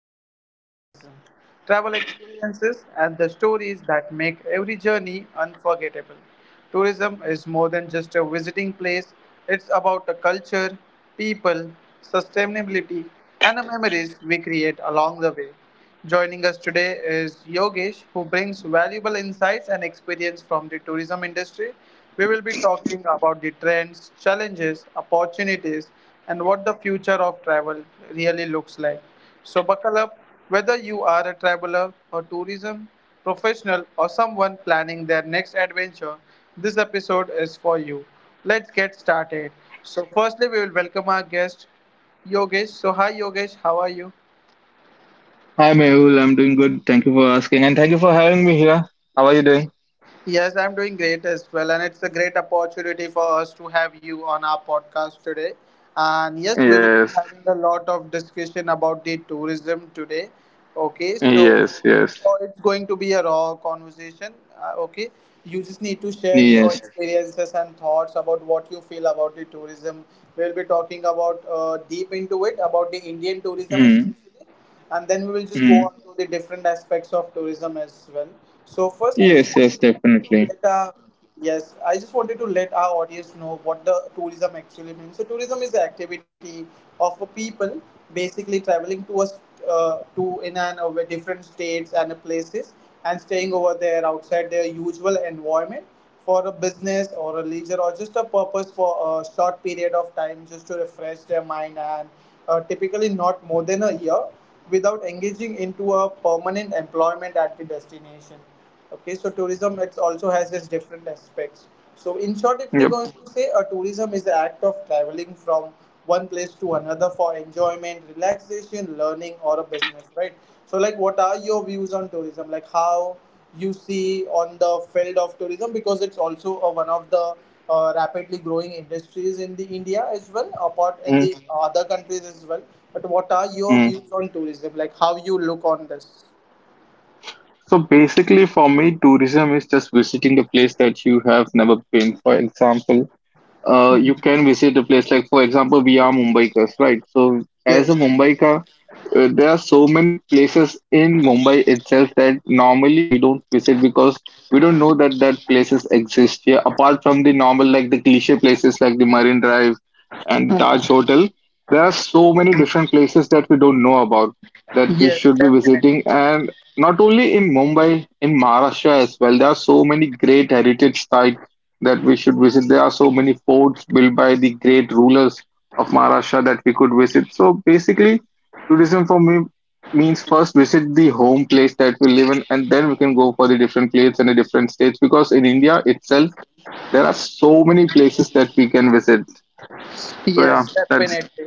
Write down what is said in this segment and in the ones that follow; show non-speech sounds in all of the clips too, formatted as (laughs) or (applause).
world of tourism, travel experiences, and the stories that make every journey unforgettable. Tourism is more than just a visiting place, it's about the culture, people, sustainability, and the memories we create along the way. Joining us today is Yogesh, who brings valuable insights and experience from the tourism industry. We will be talking about the trends, challenges, opportunities, and what the future of travel really looks like. So, buckle up whether you are a traveler a tourism professional or someone planning their next adventure, this episode is for you. Let's get started. So, firstly, we will welcome our guest, Yogesh. So, hi, Yogesh, how are you? Hi, Mehul. I'm doing good. Thank you for asking, and thank you for having me here. How are you doing? Yes, I'm doing great as well, and it's a great opportunity for us to have you on our podcast today. And yes, we will be Yes, having a lot of discussion about the tourism today. Okay, so yes, it's, yes. it's going to be a raw conversation. Okay, you just need to share Yes. your experiences and thoughts about what you feel about the tourism. We'll be talking about deep into it about the Indian tourism mm especially, and then we will just mm. go on to the different aspects of tourism as well. So first, I Yes. just Yes. wanted to let Definitely. our yes, I just wanted to let our audience know what the tourism actually means. So tourism is the activity of a people basically traveling to in and over different states and places and staying over there outside their usual environment for a business or a leisure or just a purpose for a short period of time just to refresh their mind and typically not more than a year, without engaging into a permanent employment at the destination. Okay, so tourism it also has its different aspects. So in short, if we're Yep. going to say, a tourism is the act of traveling from one place to another for enjoyment, relaxation, learning, or a business, right? So like, what are your views on tourism? Like how you see on the field of tourism because it's also one of the rapidly growing industries in the India as well, apart in mm the other countries as well. But what are your mm. views on tourism? Like how you look on this? So basically, for me, tourism is just visiting the place that you have never been. For example, you can visit a place like, for example, we are Mumbaikas, right? So as a Yes, Mumbaikar, there are so many places in Mumbai itself that normally we don't visit because we don't know that that places exist here. Apart from the normal, like the cliche places like the Marine Drive and Taj Hotel, there are so many different places that we don't know about that we yes, should be definitely. visiting. And not only in Mumbai, in Maharashtra as well, there are so many great heritage sites that we should visit. There are so many forts built by the great rulers of Maharashtra that we could visit. So basically, tourism for me means first visit the home place that we live in, and then we can go for the different places and the different states. Because in India itself, there are so many places that we can visit. So yeah, Yes, that's definitely.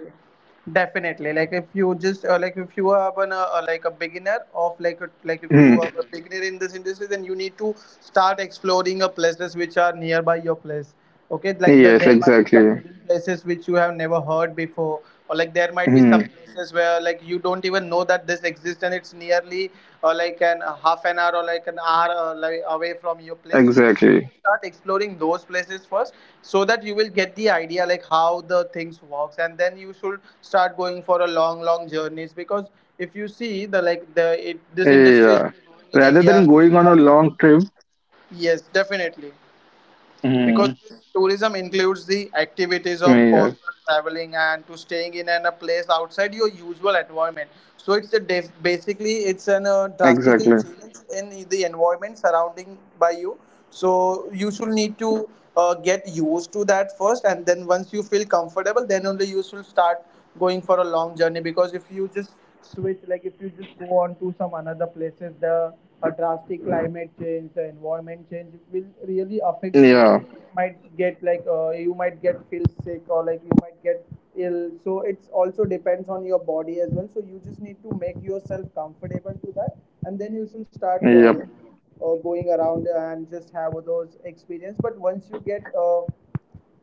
Definitely. Like if you just like if you are an, like a beginner like if you Hmm. are a beginner in this industry, then you need to start exploring a places which are nearby your place. Okay, Yes, there might be some exactly. hidden places which you have never heard before, or like there might be some Hmm. places where like you don't even know that this exists and it's nearly like an a half an hour or like an hour like away from your place. So you Exactly. start exploring those places first so that you will get the idea like how the things works and then you should start going for a long long journeys because if you see the like the it, this industry is Yeah, growing in rather India. than going on a long trip. Yes, definitely, because Hmm. tourism includes the activities of personal traveling Yes, and to staying in an, a place outside your usual environment, so basically it's an drastic change in the exactly. environment surrounding by you. So you should need to get used to that first and then once you feel comfortable then only you should start going for a long journey because if you just switch like if you just go on to some another places, the a drastic climate change, the environment change will really affects you Yeah. might get like uh, you might get feel sick or like you might get ill, so it's also depends on your body as well, so you just need to make yourself comfortable to that and then you should start Yep. Going around and just have those experience. But once you get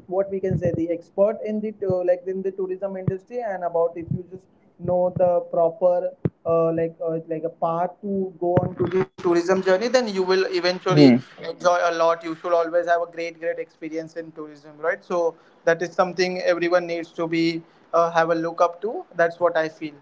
what we can say the expert in the like in the tourism industry and about if you just know the proper like a path to go on to the tourism journey then you will eventually enjoy a lot. You should always have a great great experience in tourism, right? So that is something everyone needs to be have a look up to, that's what I feel.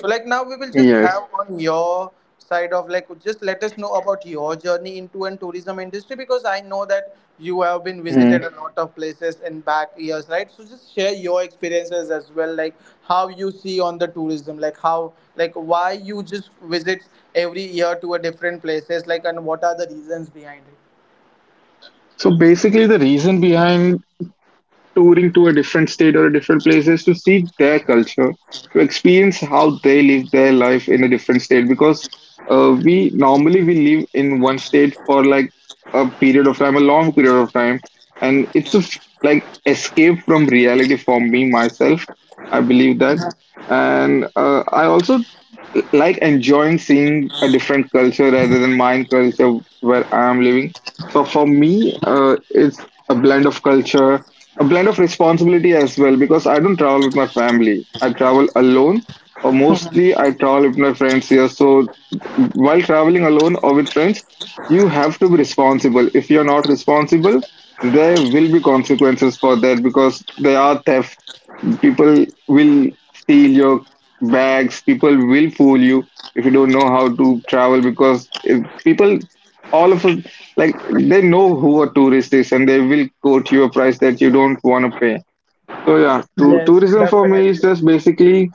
So like now we will just Yes. have on your side of like just let us know about your journey into an tourism industry because I know that you have been visited Mm. a lot of places in back years, right? So just share your experiences as well, like how you see on the tourism, like how like why you just visit every year to a different places like and what are the reasons behind it. So basically, the reason behind touring to a different state or a different places to see their culture, to experience how they live their life in a different state. Because we normally we live in one state for like a period of time, a long period of time, and it's like escape from reality for me myself. I believe that, and I also like enjoying seeing a different culture rather than mine culture where I am living. So for me, it's a blend of culture a blend of responsibility as well because I don't travel with my family. I travel alone, or mostly I travel with my friends here. So while traveling alone or with friends, you have to be responsible. If you're not responsible, there will be consequences for that because there are thefts. People will steal your bags. People will fool you if you don't know how to travel because people, all of us, like they know who a tourist is and they will quote you a price that you don't want to pay. So yeah, Yes, tourism for me is definitely. just basically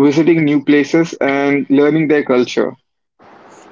visiting new places and learning their culture.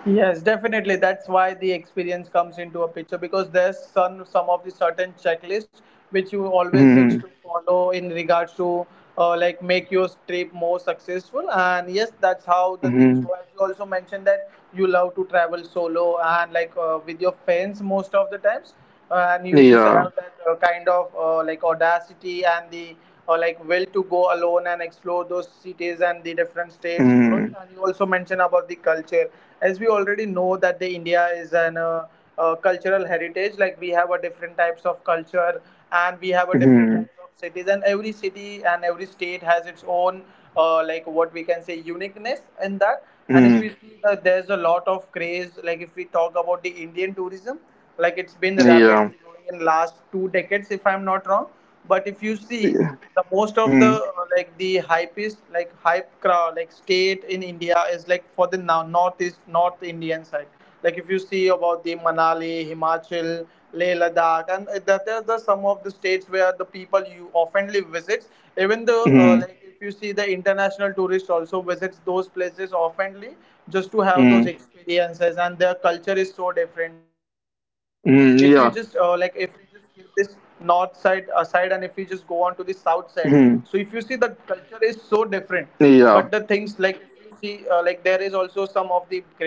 Yes, definitely. That's why the experience comes into a picture because there's some of the certain checklist which you always needs to Hmm. follow in regards to like make your trip more successful. And yes, that's how the things Hmm. go. As you also mentioned that you love to travel solo and like with your friends most of the times and you just Yeah. have that kind of like audacity and the like will to go alone and explore those cities and the different states, right? Hmm. And you also mentioned about the culture. As we already know that the India is an cultural heritage, like we have a different types of culture and we have a different Hmm. types of cities and every city and every state has its own like what we can say uniqueness in that. And if we Hmm. see that there's a lot of craze, like if we talk about the Indian tourism, like it's been Yeah. rapidly growing in last 2 decades if I'm not wrong. But if you see the most of the Hmm. Like the hype like hype crowd like state in India is like for the now northeast north Indian side. Like if you see about the Manali, Himachal, Leh Ladakh and that are the some of the states where the people you oftenly visits. Even the Mm. like if you see the international tourist also visits those places oftenly just to have those Mm. experiences and their culture is so different. if we just uh, like Mm. if we Yeah. just keep this north side aside and if we just go on to the south side, so if you see the Hmm. culture is so different. But the things, like if you see like there is also some of the great like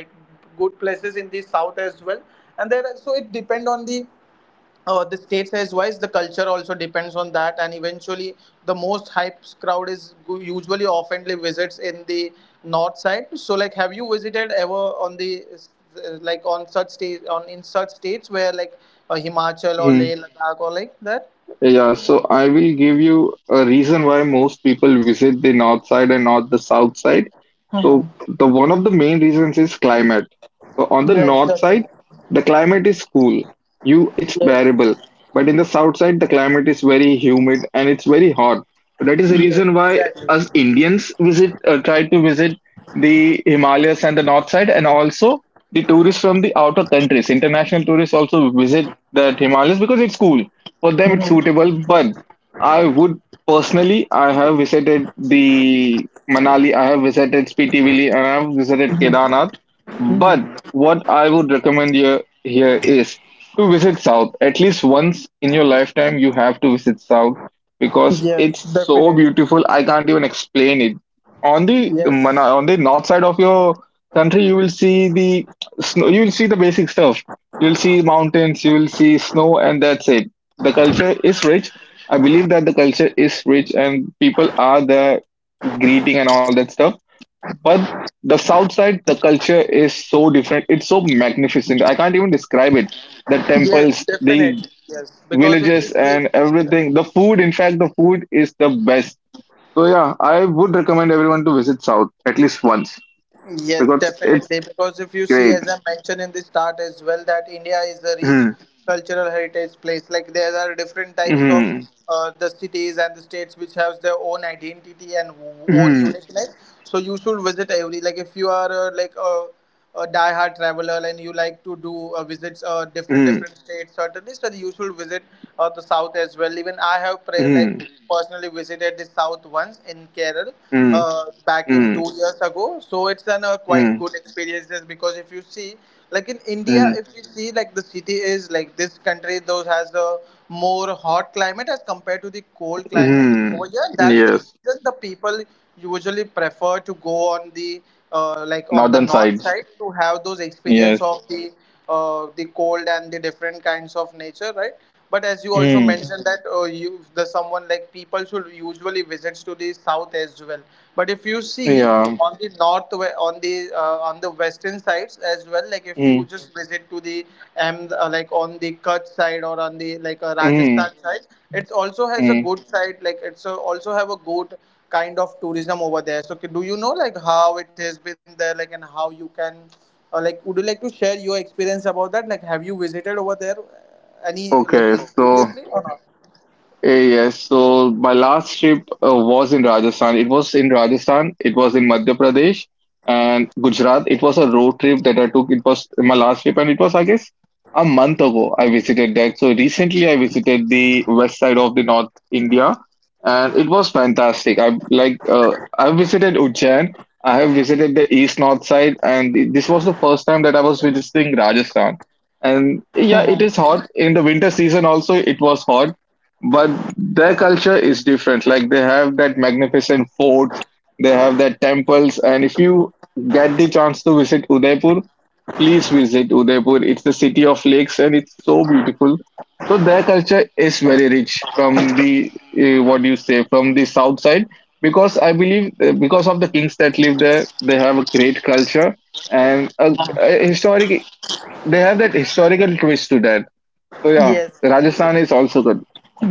good places in the south as well, and there so it depend on the state size wise, the culture also depends on that. And eventually the most hype crowd is usually oftenly visits in the north side. So like have you visited ever on the like on such state on in such states where like Himachal or Yeah. Leh Ladakh or like that? Yeah, so I will give you a reason why most people visit the north side and not the south side. So Mhm. the one of the main reasons is climate. So on the Yes, north definitely. side, the climate is cool. You it's Yes. bearable. But in the south side, the climate is very humid and it's very hot. So that is the Yes, reason why exactly. us Indians visit try to visit the Himalayas and the north side, and also the tourists from the outer countries, international tourists also visit the Himalayas because it's cool. For them, it's suitable. But I would personally, I have visited the Manali, I have visited Spiti Vili, and I have visited Kedarnath. But what I would recommend you here is to visit South. At least once in your lifetime, you have to visit South because Yes, it's so definitely. beautiful. I can't even explain it. On the Yes. On the north side of your country, you will see the snow. You will see the basic stuff. You will see mountains. You will see snow, and that's it. The culture is rich. I believe that the culture is rich, and people are there greeting and all that stuff. But the south side, the culture is so different. It's so magnificent. I can't even describe it. The Yes, temples, the definitely. Yes, because if you villages, see. and everything. The food, in fact, the food is the best. So yeah, I would recommend everyone to visit South at least once Yes, because it's definitely. Because if you see, great. as I mentioned in the start as well, that India is a rich Mm. cultural heritage place. Like there are different types of Mm. The cities and the states which have their own identity and own Mm. uniqueness. So you should visit every. Like if you are like a die-hard traveler and you like to do visits different Mm. different states certainly so you should visit the south as well. Even I have Mm. like personally visited the south once in Kerala Mm. Back in Mm. 2 years ago, so it's an quite Mm. good experience. Just because if you see like in India, Mm. if you see like the city is like this country those has a more hot climate as compared to the cold climate over Mm. here. That's the Yes, reason the people usually prefer to go on the like on the northern north sides. side to have those experience Yes. of the cold and the different kinds of nature, right? But as you also Mm. mentioned that you the someone like people should usually visits to the south as well. But if you see Yeah. on the on the on the western sides as well, like if you Mm. just visit to the am like on the Kutch side or on the like Mm. Rajasthan side. It also has a Eh, good side, like it's also have a good kind of tourism over there. So, do you know like how it has been there, like and how you can, like, would you like to share your experience about that? Like, have you visited over there o any que like esto. previously or not? Eh, yes, so my last trip was in Rajasthan. It was in Rajasthan, it was in Madhya Pradesh and Gujarat. It was a road trip that I took. It was my last trip, and it was, I guess, a month ago I visited that. So recently I visited the west side of the North India, and it was fantastic. I visited Ujjain. I have visited the east north side, and this was the first time that I was visiting Rajasthan. And yeah, it is hot in the winter season. Also, it was hot but their culture is different like they have that magnificent forts, they have that temples, and if you get the chance to visit Udaipur, please visit Udaipur. It's the city of lakes and it's so beautiful. So their culture is very rich from the what do you say from the south side because I believe because of the kings that live there they have a great culture and a historic, they have that historical twist to that. So yeah, Yes. Rajasthan is also good.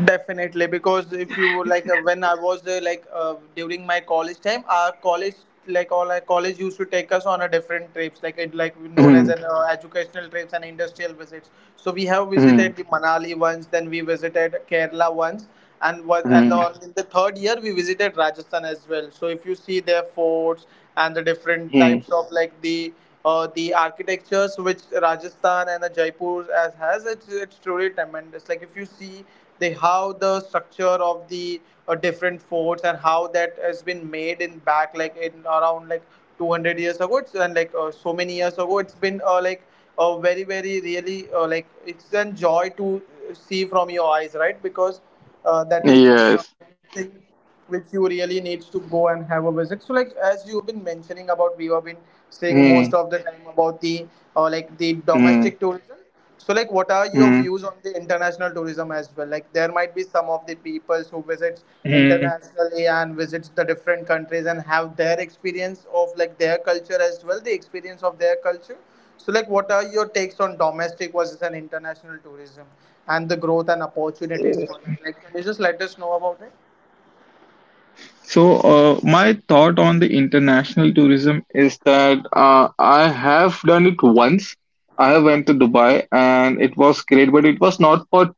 Definitely, because if you like when I was there, like during my college time, our college, like all our college used to take us on a different trips, like it like known as Mhm. an educational trips and industrial visits. So we have Mhm. visited the Manali once, then we visited Kerala once, and what and on, in the third year we visited Rajasthan as well. So if you see their forts and the different Mm-hmm. types of like the architectures which Rajasthan and the Jaipur as has it's truly tremendous. Like if you see the how the structure of the different forts and how that has been made in back like in around like 200 years ago it's and like so many years ago it's been like very really like it's a joy to see from your eyes, right? Because that is Yes. something which you really needs to go and have a visit. So like as you've been mentioning about, we have been saying most of the time about the like the domestic tourism. So like what are your views on the international tourism as well? Like there might be some of the peoples who visits internationally and visits the different countries and have their experience of like their culture as well, the experience of their culture. So, like, what are your takes on domestic versus an international tourism and the growth and opportunities for that? Like, can you just let us know about it? So, my thought on the international tourism is that I have done it once. I have went to Dubai and it was great, but it was not for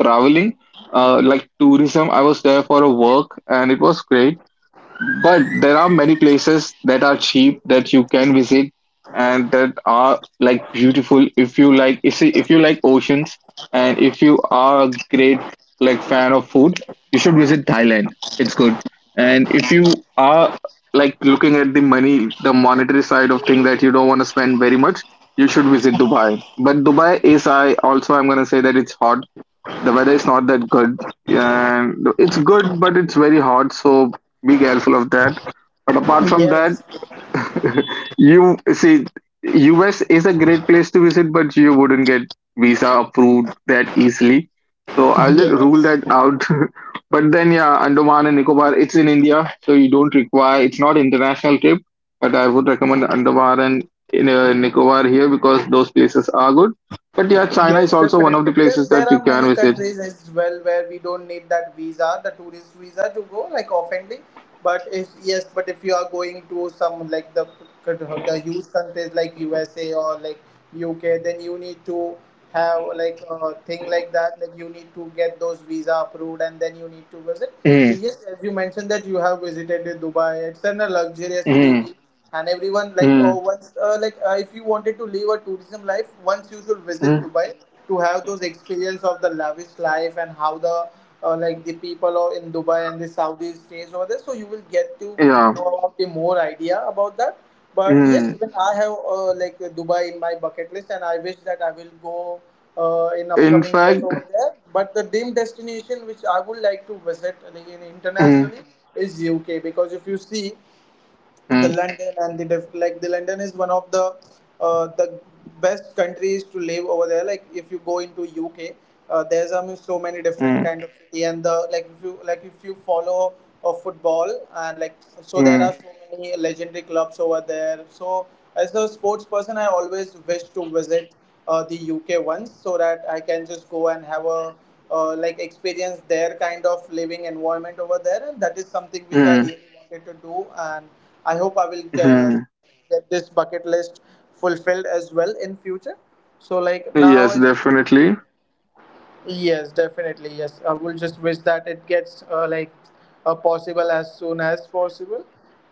traveling, like tourism. I was there for a work and it was great. But there are many places that are cheap that you can visit and that are like beautiful if you like oceans and if you are a great like fan of food, you should visit Thailand. It's good. And if you are like looking at the money, the monetary side of thing that you don't want to spend very much, you should visit Dubai. But Dubai is I also I'm gonna say that it's hot, the weather is not that good and it's good but it's very hot so be careful of that, but apart from that Yes, (laughs) you see US is a great place to visit but you wouldn't get visa approved that easily so I'll just rule yes. that out. (laughs) But then yeah, Andaman and Nicobar, it's in India so you don't require, it's not international trip, but I would recommend Andaman and in Nicobar here because those places are good. But yeah, China is Yes, also one of definitely. the There, places there that you are can many visit. countries as well where we don't need that visa, the tourist visa to go, like offhandly. But if yes, but if you are going to some like the huge countries like USA or like UK, then you need to have like a thing like that. Like you need to get those visa approved, and then you need to visit. So Mm. yes, as you mentioned that you have visited Dubai, it's in a luxurious Mm. city, and everyone like Mm. oh once like if you wanted to live a tourism life, once you should visit Mm. Dubai to have those experience of the lavish life and how the like the people are in Dubai and the Saudi stays over there. So you will get to Yeah. know about the more idea about that. But yes, Mm. even I have like Dubai in my bucket list, and I wish that I will go in In upcoming years fact, over there. But the dream destination which I would like to visit like, in mm. internationally is UK. Because if you see the Mm. London and the like the London is one of the best countries to live over there. Like if you go into UK, there's so many different Mm. kind of city and the like if you follow football and like so there are Mm. so many legendary clubs over there. So as a sports person, I always wish to visit the UK once so that I can just go and have a like experience their kind of living environment over there, and that is something which I Mm. really wanted to do. And I hope I will Mm. get this bucket list fulfilled as well in future. So like now Yes, as you... definitely. Yes, definitely. Yes, I will just wish that it gets like possible as soon as possible.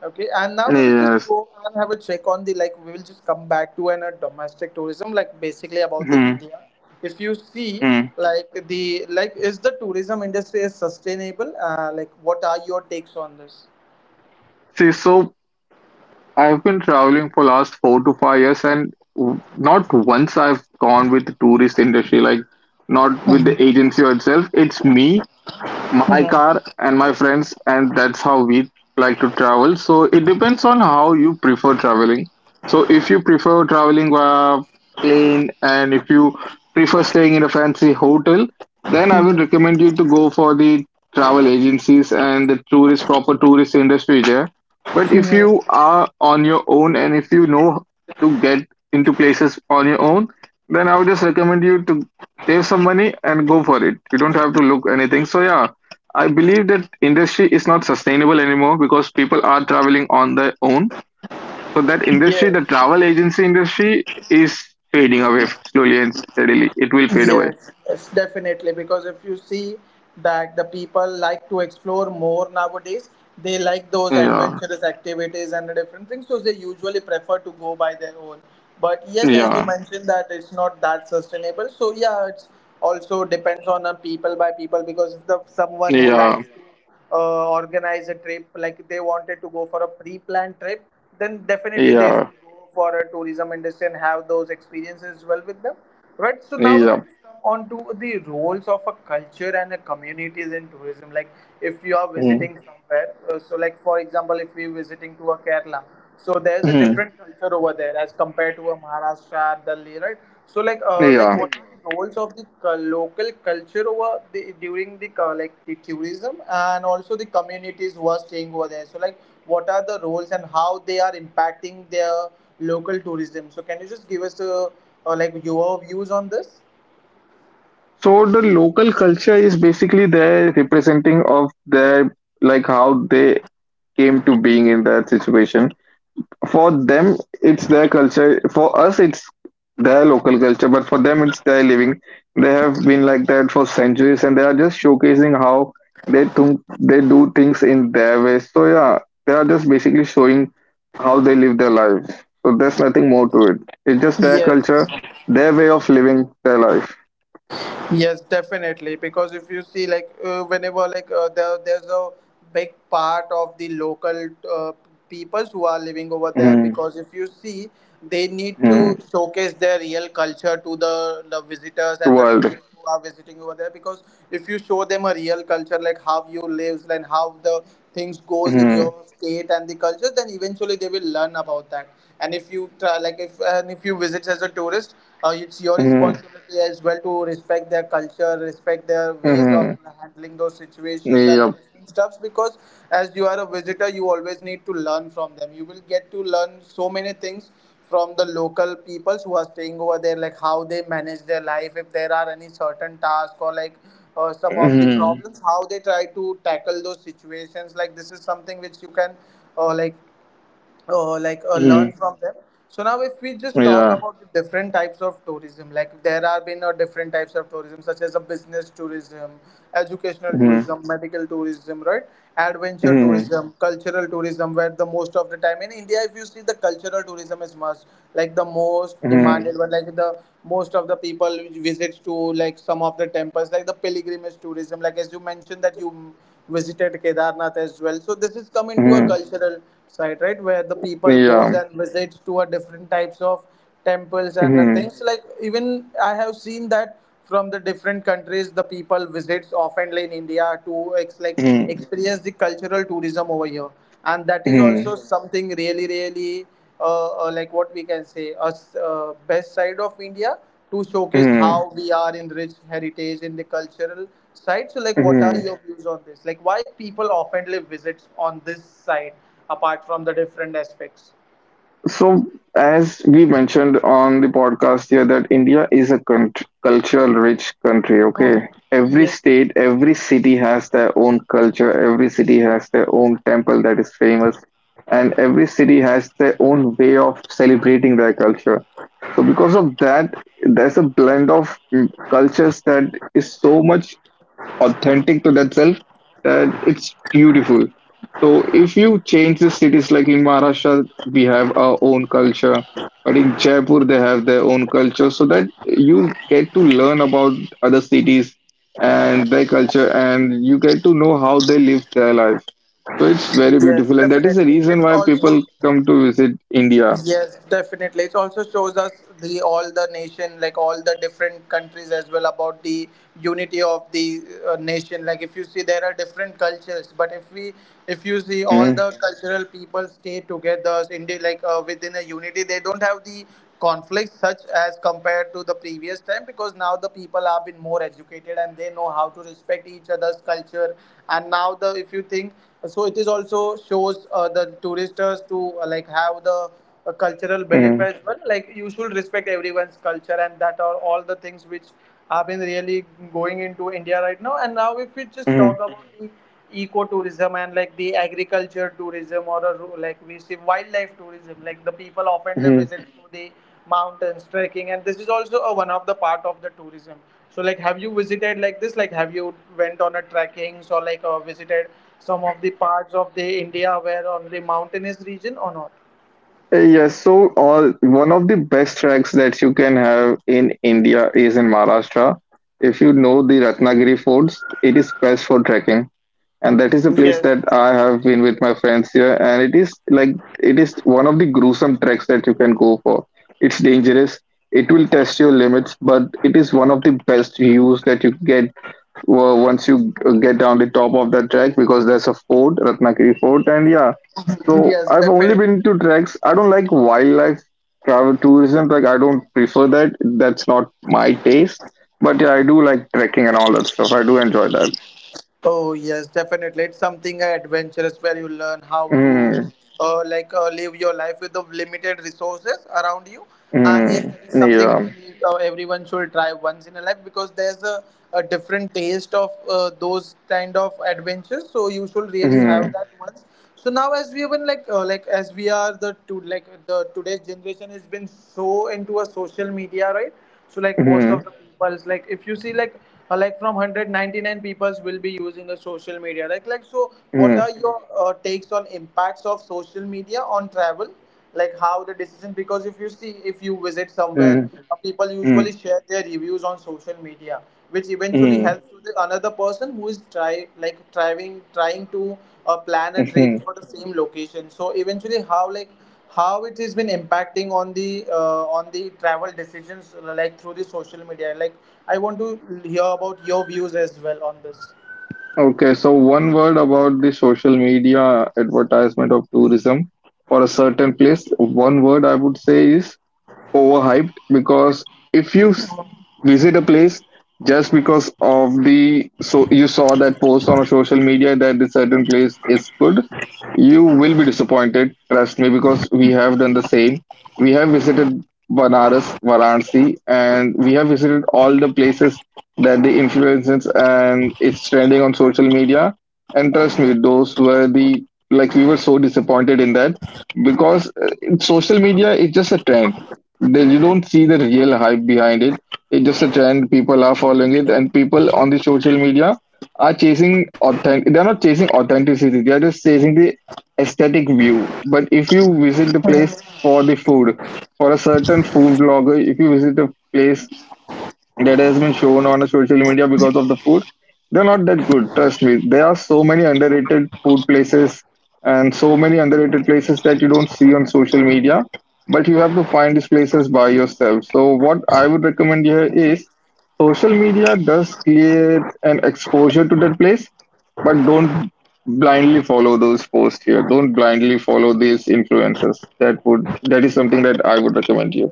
Okay, and now we will just Yes. go and have a check on the like we will just come back to an domestic tourism, like basically about the Mm. India. If you see Mm. like the like is the tourism industry is sustainable? Like what are your takes on this? See, so I've been traveling for last 4 to 5 years, and not once I've gone with the tourist industry, like not with the agency or itself. It's me my car and my friends, and that's how we like to travel. So it depends on how you prefer traveling. So if you prefer traveling via plane and if you prefer staying in a fancy hotel, then I would recommend you to go for the travel agencies and the tourist proper tourist industry there. But if you are on your own and if you know to get into places on your own, then I would just recommend you to save some money and go for it. You don't have to look anything. So yeah, I believe that industry is not sustainable anymore because people are traveling on their own. So that industry, the Yes. travel agency industry, is fading away slowly and steadily. It will fade away. Yes, yes, definitely. Because if you see that the people like to explore more nowadays, they like those Yeah, adventurous activities and the different things. So they usually prefer to go by their own. But yes, as you yeah, mentioned, that it's not that sustainable. So yeah, it's also depends on a people by people because if the someone who yeah, likes organize a trip like they wanted to go for a pre-planned trip, then definitely they yeah, should go for a tourism industry and have those experiences well with them, right? So now we will yeah. just come on to the roles of a culture and a communities in tourism. Like if you are Mm. visiting somewhere, so like for example if we're visiting to a Kerala, so there's a Mm. different culture over there as compared to a Maharashtra, Delhi, right? So like Yeah. what are the roles of the local culture over the during the like the tourism, and also the communities who are staying over there. So like what are the roles and how they are impacting their local tourism. So can you just give us like your views on this? So the local culture is basically their representing of their like how they came to being in that situation. For them, it's their culture. For us, it's their local culture, but for them, it's their living. They have been like that for centuries, and they are just showcasing how they think they do things in their way. So yeah, they are just basically showing how they live their lives. So there's nothing more to it. It's just their Yes. culture, their way of living their life. Yes, definitely. Because if you see, like, whenever like there's a big part of the local uh, peoples who are living over there. Hmm. Because if you see, they need to Hmm. showcase their real culture to the visitors and the World. tourists who are visiting over there. Because if you show them a real culture, like how you lives and how the things goes in Mm-hmm. your state and the culture, then eventually they will learn about that. And if you try, like, if and if you visit as a tourist, it's your Hmm. responsibility as well to respect their culture, respect their ways of Mm-hmm. handling those situations and the Yep. different stuffs. Because as you are a visitor, you always need to learn from them. You will get to learn so many things from the local peoples who are staying over there, like how they manage their life, if there are any certain tasks or like some of the Mm-hmm. problems, how they try to tackle those situations. Like this is something which you can uh, like like learn from them. So now, if we just talk Yeah. about the different types of tourism, like there are been different types of tourism, such as a business tourism, educational Hmm. tourism, medical tourism, right? Adventure Hmm. tourism, cultural tourism, where the most of the time in India, if you see the cultural tourism is much like the most Hmm. demanded one, like the most of the people which visits to like some of the temples like the pilgrimage tourism like as you mentioned that you visited Kedarnath as well, so this is come into a Hmm. cultural side, right? Where the people goes Yeah. and visits to a different types of temples and Hmm. things like even I have seen that from the different countries the people visits oftenly in India to like Hmm. experience the cultural tourism over here. And that is Hmm. also something really really like what we can say a best side of India to showcase Hmm. how we are in rich heritage in the cultural side. So, like, what are Hmm. your views on this? Like, why people oftenly visit on this side apart from the different aspects? So, as we mentioned on the podcast here, that India is a cultural rich country. Hmm. Okay. Every Yes. state, every city has their own culture. Every city has their own temple that is famous. And every city has their own way of celebrating their culture. So, because of that, there's a blend of cultures that is so much authentic to that self that it's beautiful. So if you change the cities, like in Maharashtra, we have our own culture, but in Jaipur they have their own culture, so that you get to learn about other cities and their culture, and you get to know how they live their life. So it's very Yes, beautiful, and that is the definitely. reason It's why also people come to visit India. Yes, definitely. It also shows us the all the nation, like all the different countries as well, about the unity of the nation. Like if you see, there are different cultures, but if we, if you see, all Mm, the cultural people stay together, India, like within a unity, they don't have the conflicts such as compared to the previous time because now the people have been more educated and they know how to respect each other's culture. And now the if you think, so it is also shows the tourists to like have the a cultural belief mm, as well. Like you should respect everyone's culture, and that are all the things which have been really going into India right now. And now, if we just talk mm, about the eco-tourism and like the agriculture tourism or a, like we see wildlife tourism like the people often live mm. visit to the mountains trekking and this is also a, one of the part of the tourism. So like have you visited like this, like have you went on a trekking or like visited some of the parts of the India where on the mountainous region or not? Yes, so all one of the best tracks that you can have in India is in Maharashtra. If you know the Ratnagiri forts, it is best for trekking, and that is a place Yes. that I have been with my friends here, and it is like it is one of the gruesome treks that you can go for. It's dangerous. It will test your limits, but it is one of the best views that you get once you get down the top of that track because there's a fort, Ratnagiri fort, and yeah, so Yes, I've only definitely. been to treks. I don't like wildlife travel tourism. Like I don't prefer that. That's not my taste. But yeah, I do like trekking and all that stuff. I do enjoy that. Oh, yes, definitely. It's something adventurous where you learn how to, Mm, like, live your life with the limited resources around you. And yes, mm, that is something yeah. really everyone should try once in a life because there's a different taste of those kind of adventures. So you should really have that Mm, once. So now, as we have been like as we are the to like the today's generation has been so into a social media, right? So like most of the mm, people's, like, if you see, like, like from 199 peoples will be using the social media, like so what are mm, your takes on impacts of social media on travel, like how the decision, because if you see, if you visit somewhere, mm, people usually mm, share their reviews on social media, which eventually mm, helps to the another person who is trying to plan a trip mhm. for the same location. So eventually how like how it has been impacting on the travel decisions, like through the social media, like I want to hear about your views as well on this. Okay, so one word about the social media advertisement of tourism for a certain place. One word I would say is overhyped because if you s- visit a place just because of the you saw that post on a social media that the certain place is good, you will be disappointed, trust me, because we have done the same. We have visited Banaras, Varanasi, and we have visited all the places that the influencers and it's trending on social media, and trust me, those were the, like, we were so disappointed in that because social media is just a trend. Then you don't see the real hype behind it. It's just a trend. People are following it, and people on the social media are chasing authentic. They're not chasing authenticity. They're just chasing the aesthetic view. But if you visit the place for the food, for a certain food blogger, if you visit a place that has been shown on a social media because of the food, they're not that good. Trust me, there are so many underrated food places and so many underrated places that you don't see on social media, but you have to find these places by yourself. So what I would recommend here is social media does create an exposure to that place, but don't blindly follow those posts here. Don't blindly follow these influencers. That is something that I would recommend you.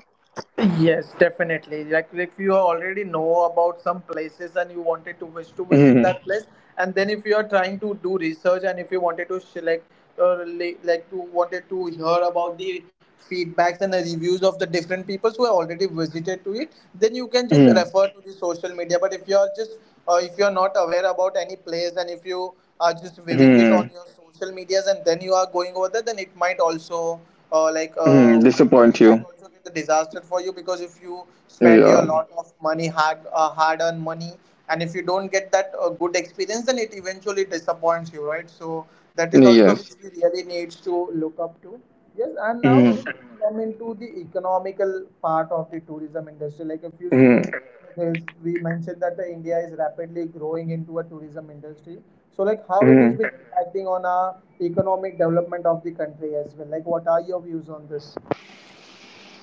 Yes, definitely. Like if you already know about some places and you wanted to wish to visit Mhm. that place, and then if you are trying to do research and if you wanted to select or like to wanted to hear about the feedbacks and the reviews of the different peoples who have already visited to it, then you can just Mhm. refer to the social media. But if you are just if you are not aware about any place and if you are just viewing it on Mhm. your social medias and then you are going over there, then it might also uh, like Hmm, uh, it disappoint might you. also get a disaster for you, because if you spend your Yeah. lot of money, hard earned money, and if you don't get that good experience, then it eventually disappoints you, right? So that is also Yes. which we really need to look up to. Yes, and now Hmm. we will come into the economical part of the tourism industry. Like if you see, Hmm. there's, we mentioned that the India is rapidly growing into a tourism industry. So like how it is Hmm. been impacting on our economic development of the country as well. Like what are your views on this?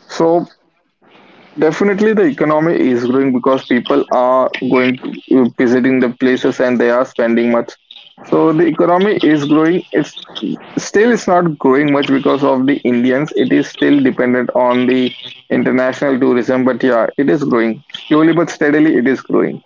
So definitely the economy is growing because people are going to visiting the places and they are spending much. So the economy is growing. It's still it's not growing much because of the Indians. It is still dependent on the international tourism. But yeah, it is growing slowly but steadily. It is growing.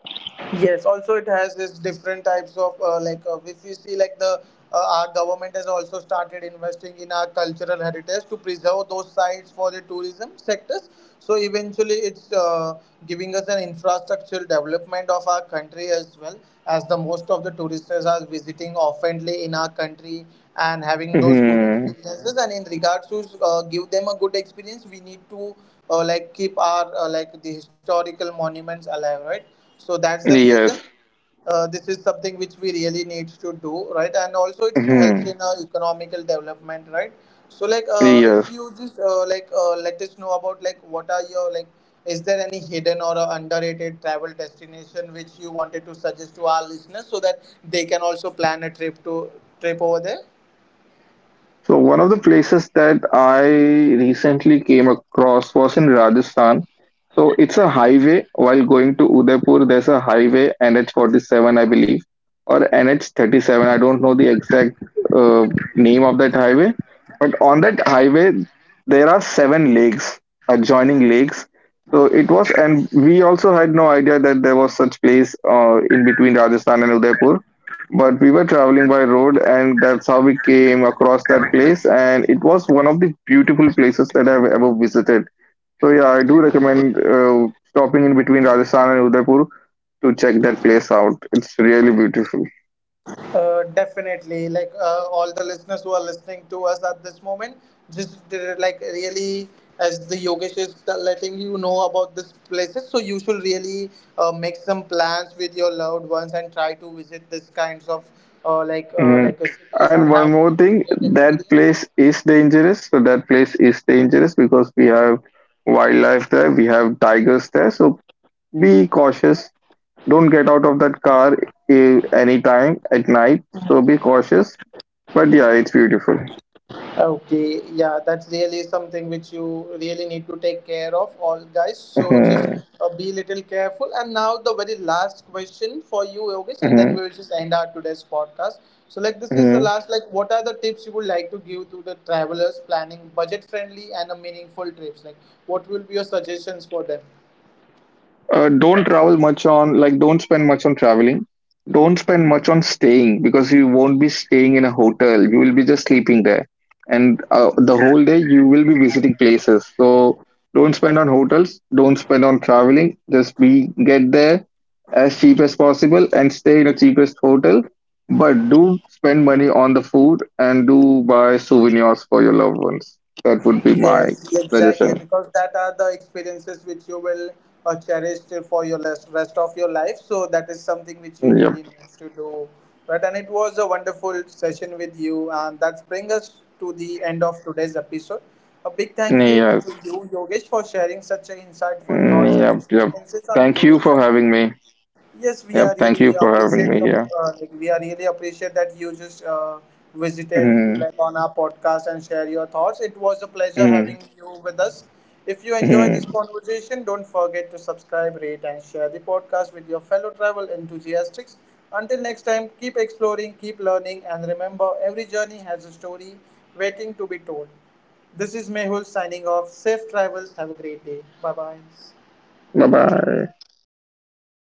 Yes, also it has this different types of if you see like the our government has also started investing in our cultural heritage to preserve those sites for the tourism sectors. So eventually, it's giving us an infrastructural development of our country as well as the most of the tourists are visiting oftenly in our country and having those good Hmm. experiences. And in regards to give them a good experience, we need to like keep our like the historical monuments alive, right? So that's the reason Yes. This is something which we really need to do, right, and also it helps Hmm. in economical development, right? So like if Yes. you just let us know about like what are your like is there any hidden or underrated travel destination which you wanted to suggest to our listeners so that they can also plan a trip over there. So one of the places that I recently came across was in Rajasthan. So it's a highway. While going to Udaipur, there's a highway NH47, I believe, or NH37. I don't know the exact uh, name of that highway, but on that highway there are seven lakes, adjoining lakes. So it was, and we also had no idea that there was such place in between Rajasthan and Udaipur, but we were traveling by road, and that's how we came across that place, and it was one of the beautiful places that I've ever visited. So yeah, I do recommend stopping in between Rajasthan and Udaipur to check that place out. It's really beautiful. Definitely, like all the listeners who are listening to us at this moment, just like really, as the Yogesh is letting you know about these places, so you should really make some plans with your loved ones and try to visit this kinds of uh, like uh, Mhm. like uh, cities and And one have more those thing, great that experiences. place is dangerous. So that place is dangerous because we have wildlife there, we have tigers there. So be cautious. Don't get out of that car anytime at night. So be cautious. But yeah, it's beautiful. Okay, yeah, that's really something which you really need to take care of, all guys. So just Mhm. Be little careful. And now the very last question for you, Yogesh, and then Mhm. we'll just end our today's podcast. So like this is the Mhm. last. Like, what are the tips you would like to give to the travelers planning budget-friendly and a meaningful trips? Like, what will be your suggestions for them? Don't travel much on like don't spend much on traveling. Don't spend much on staying, because you won't be staying in a hotel, you will be just sleeping there. And the whole day you will be visiting places. So don't spend on hotels, don't spend on traveling, just be get there as cheap as possible and stay in the cheapest hotel. But do spend money on the food, and do buy souvenirs for your loved ones. That would be my Yes, exactly. suggestion. Because that are the experiences which you will cherish till for your rest of your life. So that is something which you Yep. really need to do. Right, and it was a wonderful session with you, and that brings us to the end of today's episode. A big thank you Yeah. to you, Yogesh, for sharing such a insightful thoughts and Yep, yep. experiences on Thank you for tourism. having me. Yes, we Yep, are thank you really for having appreciative me of, here. Like we are really appreciate that you just visited to, Mm, like, on our podcast and share your thoughts. It was a pleasure having mm, you with us. If you enjoy this mm. conversation, don't forget to subscribe, rate, and share the podcast with your fellow travel enthusiasts. Until next time, keep exploring, keep learning, and remember every journey has a story waiting to be told. This is Mehul signing off. Safe travels. Have a great day. Bye bye. Bye bye.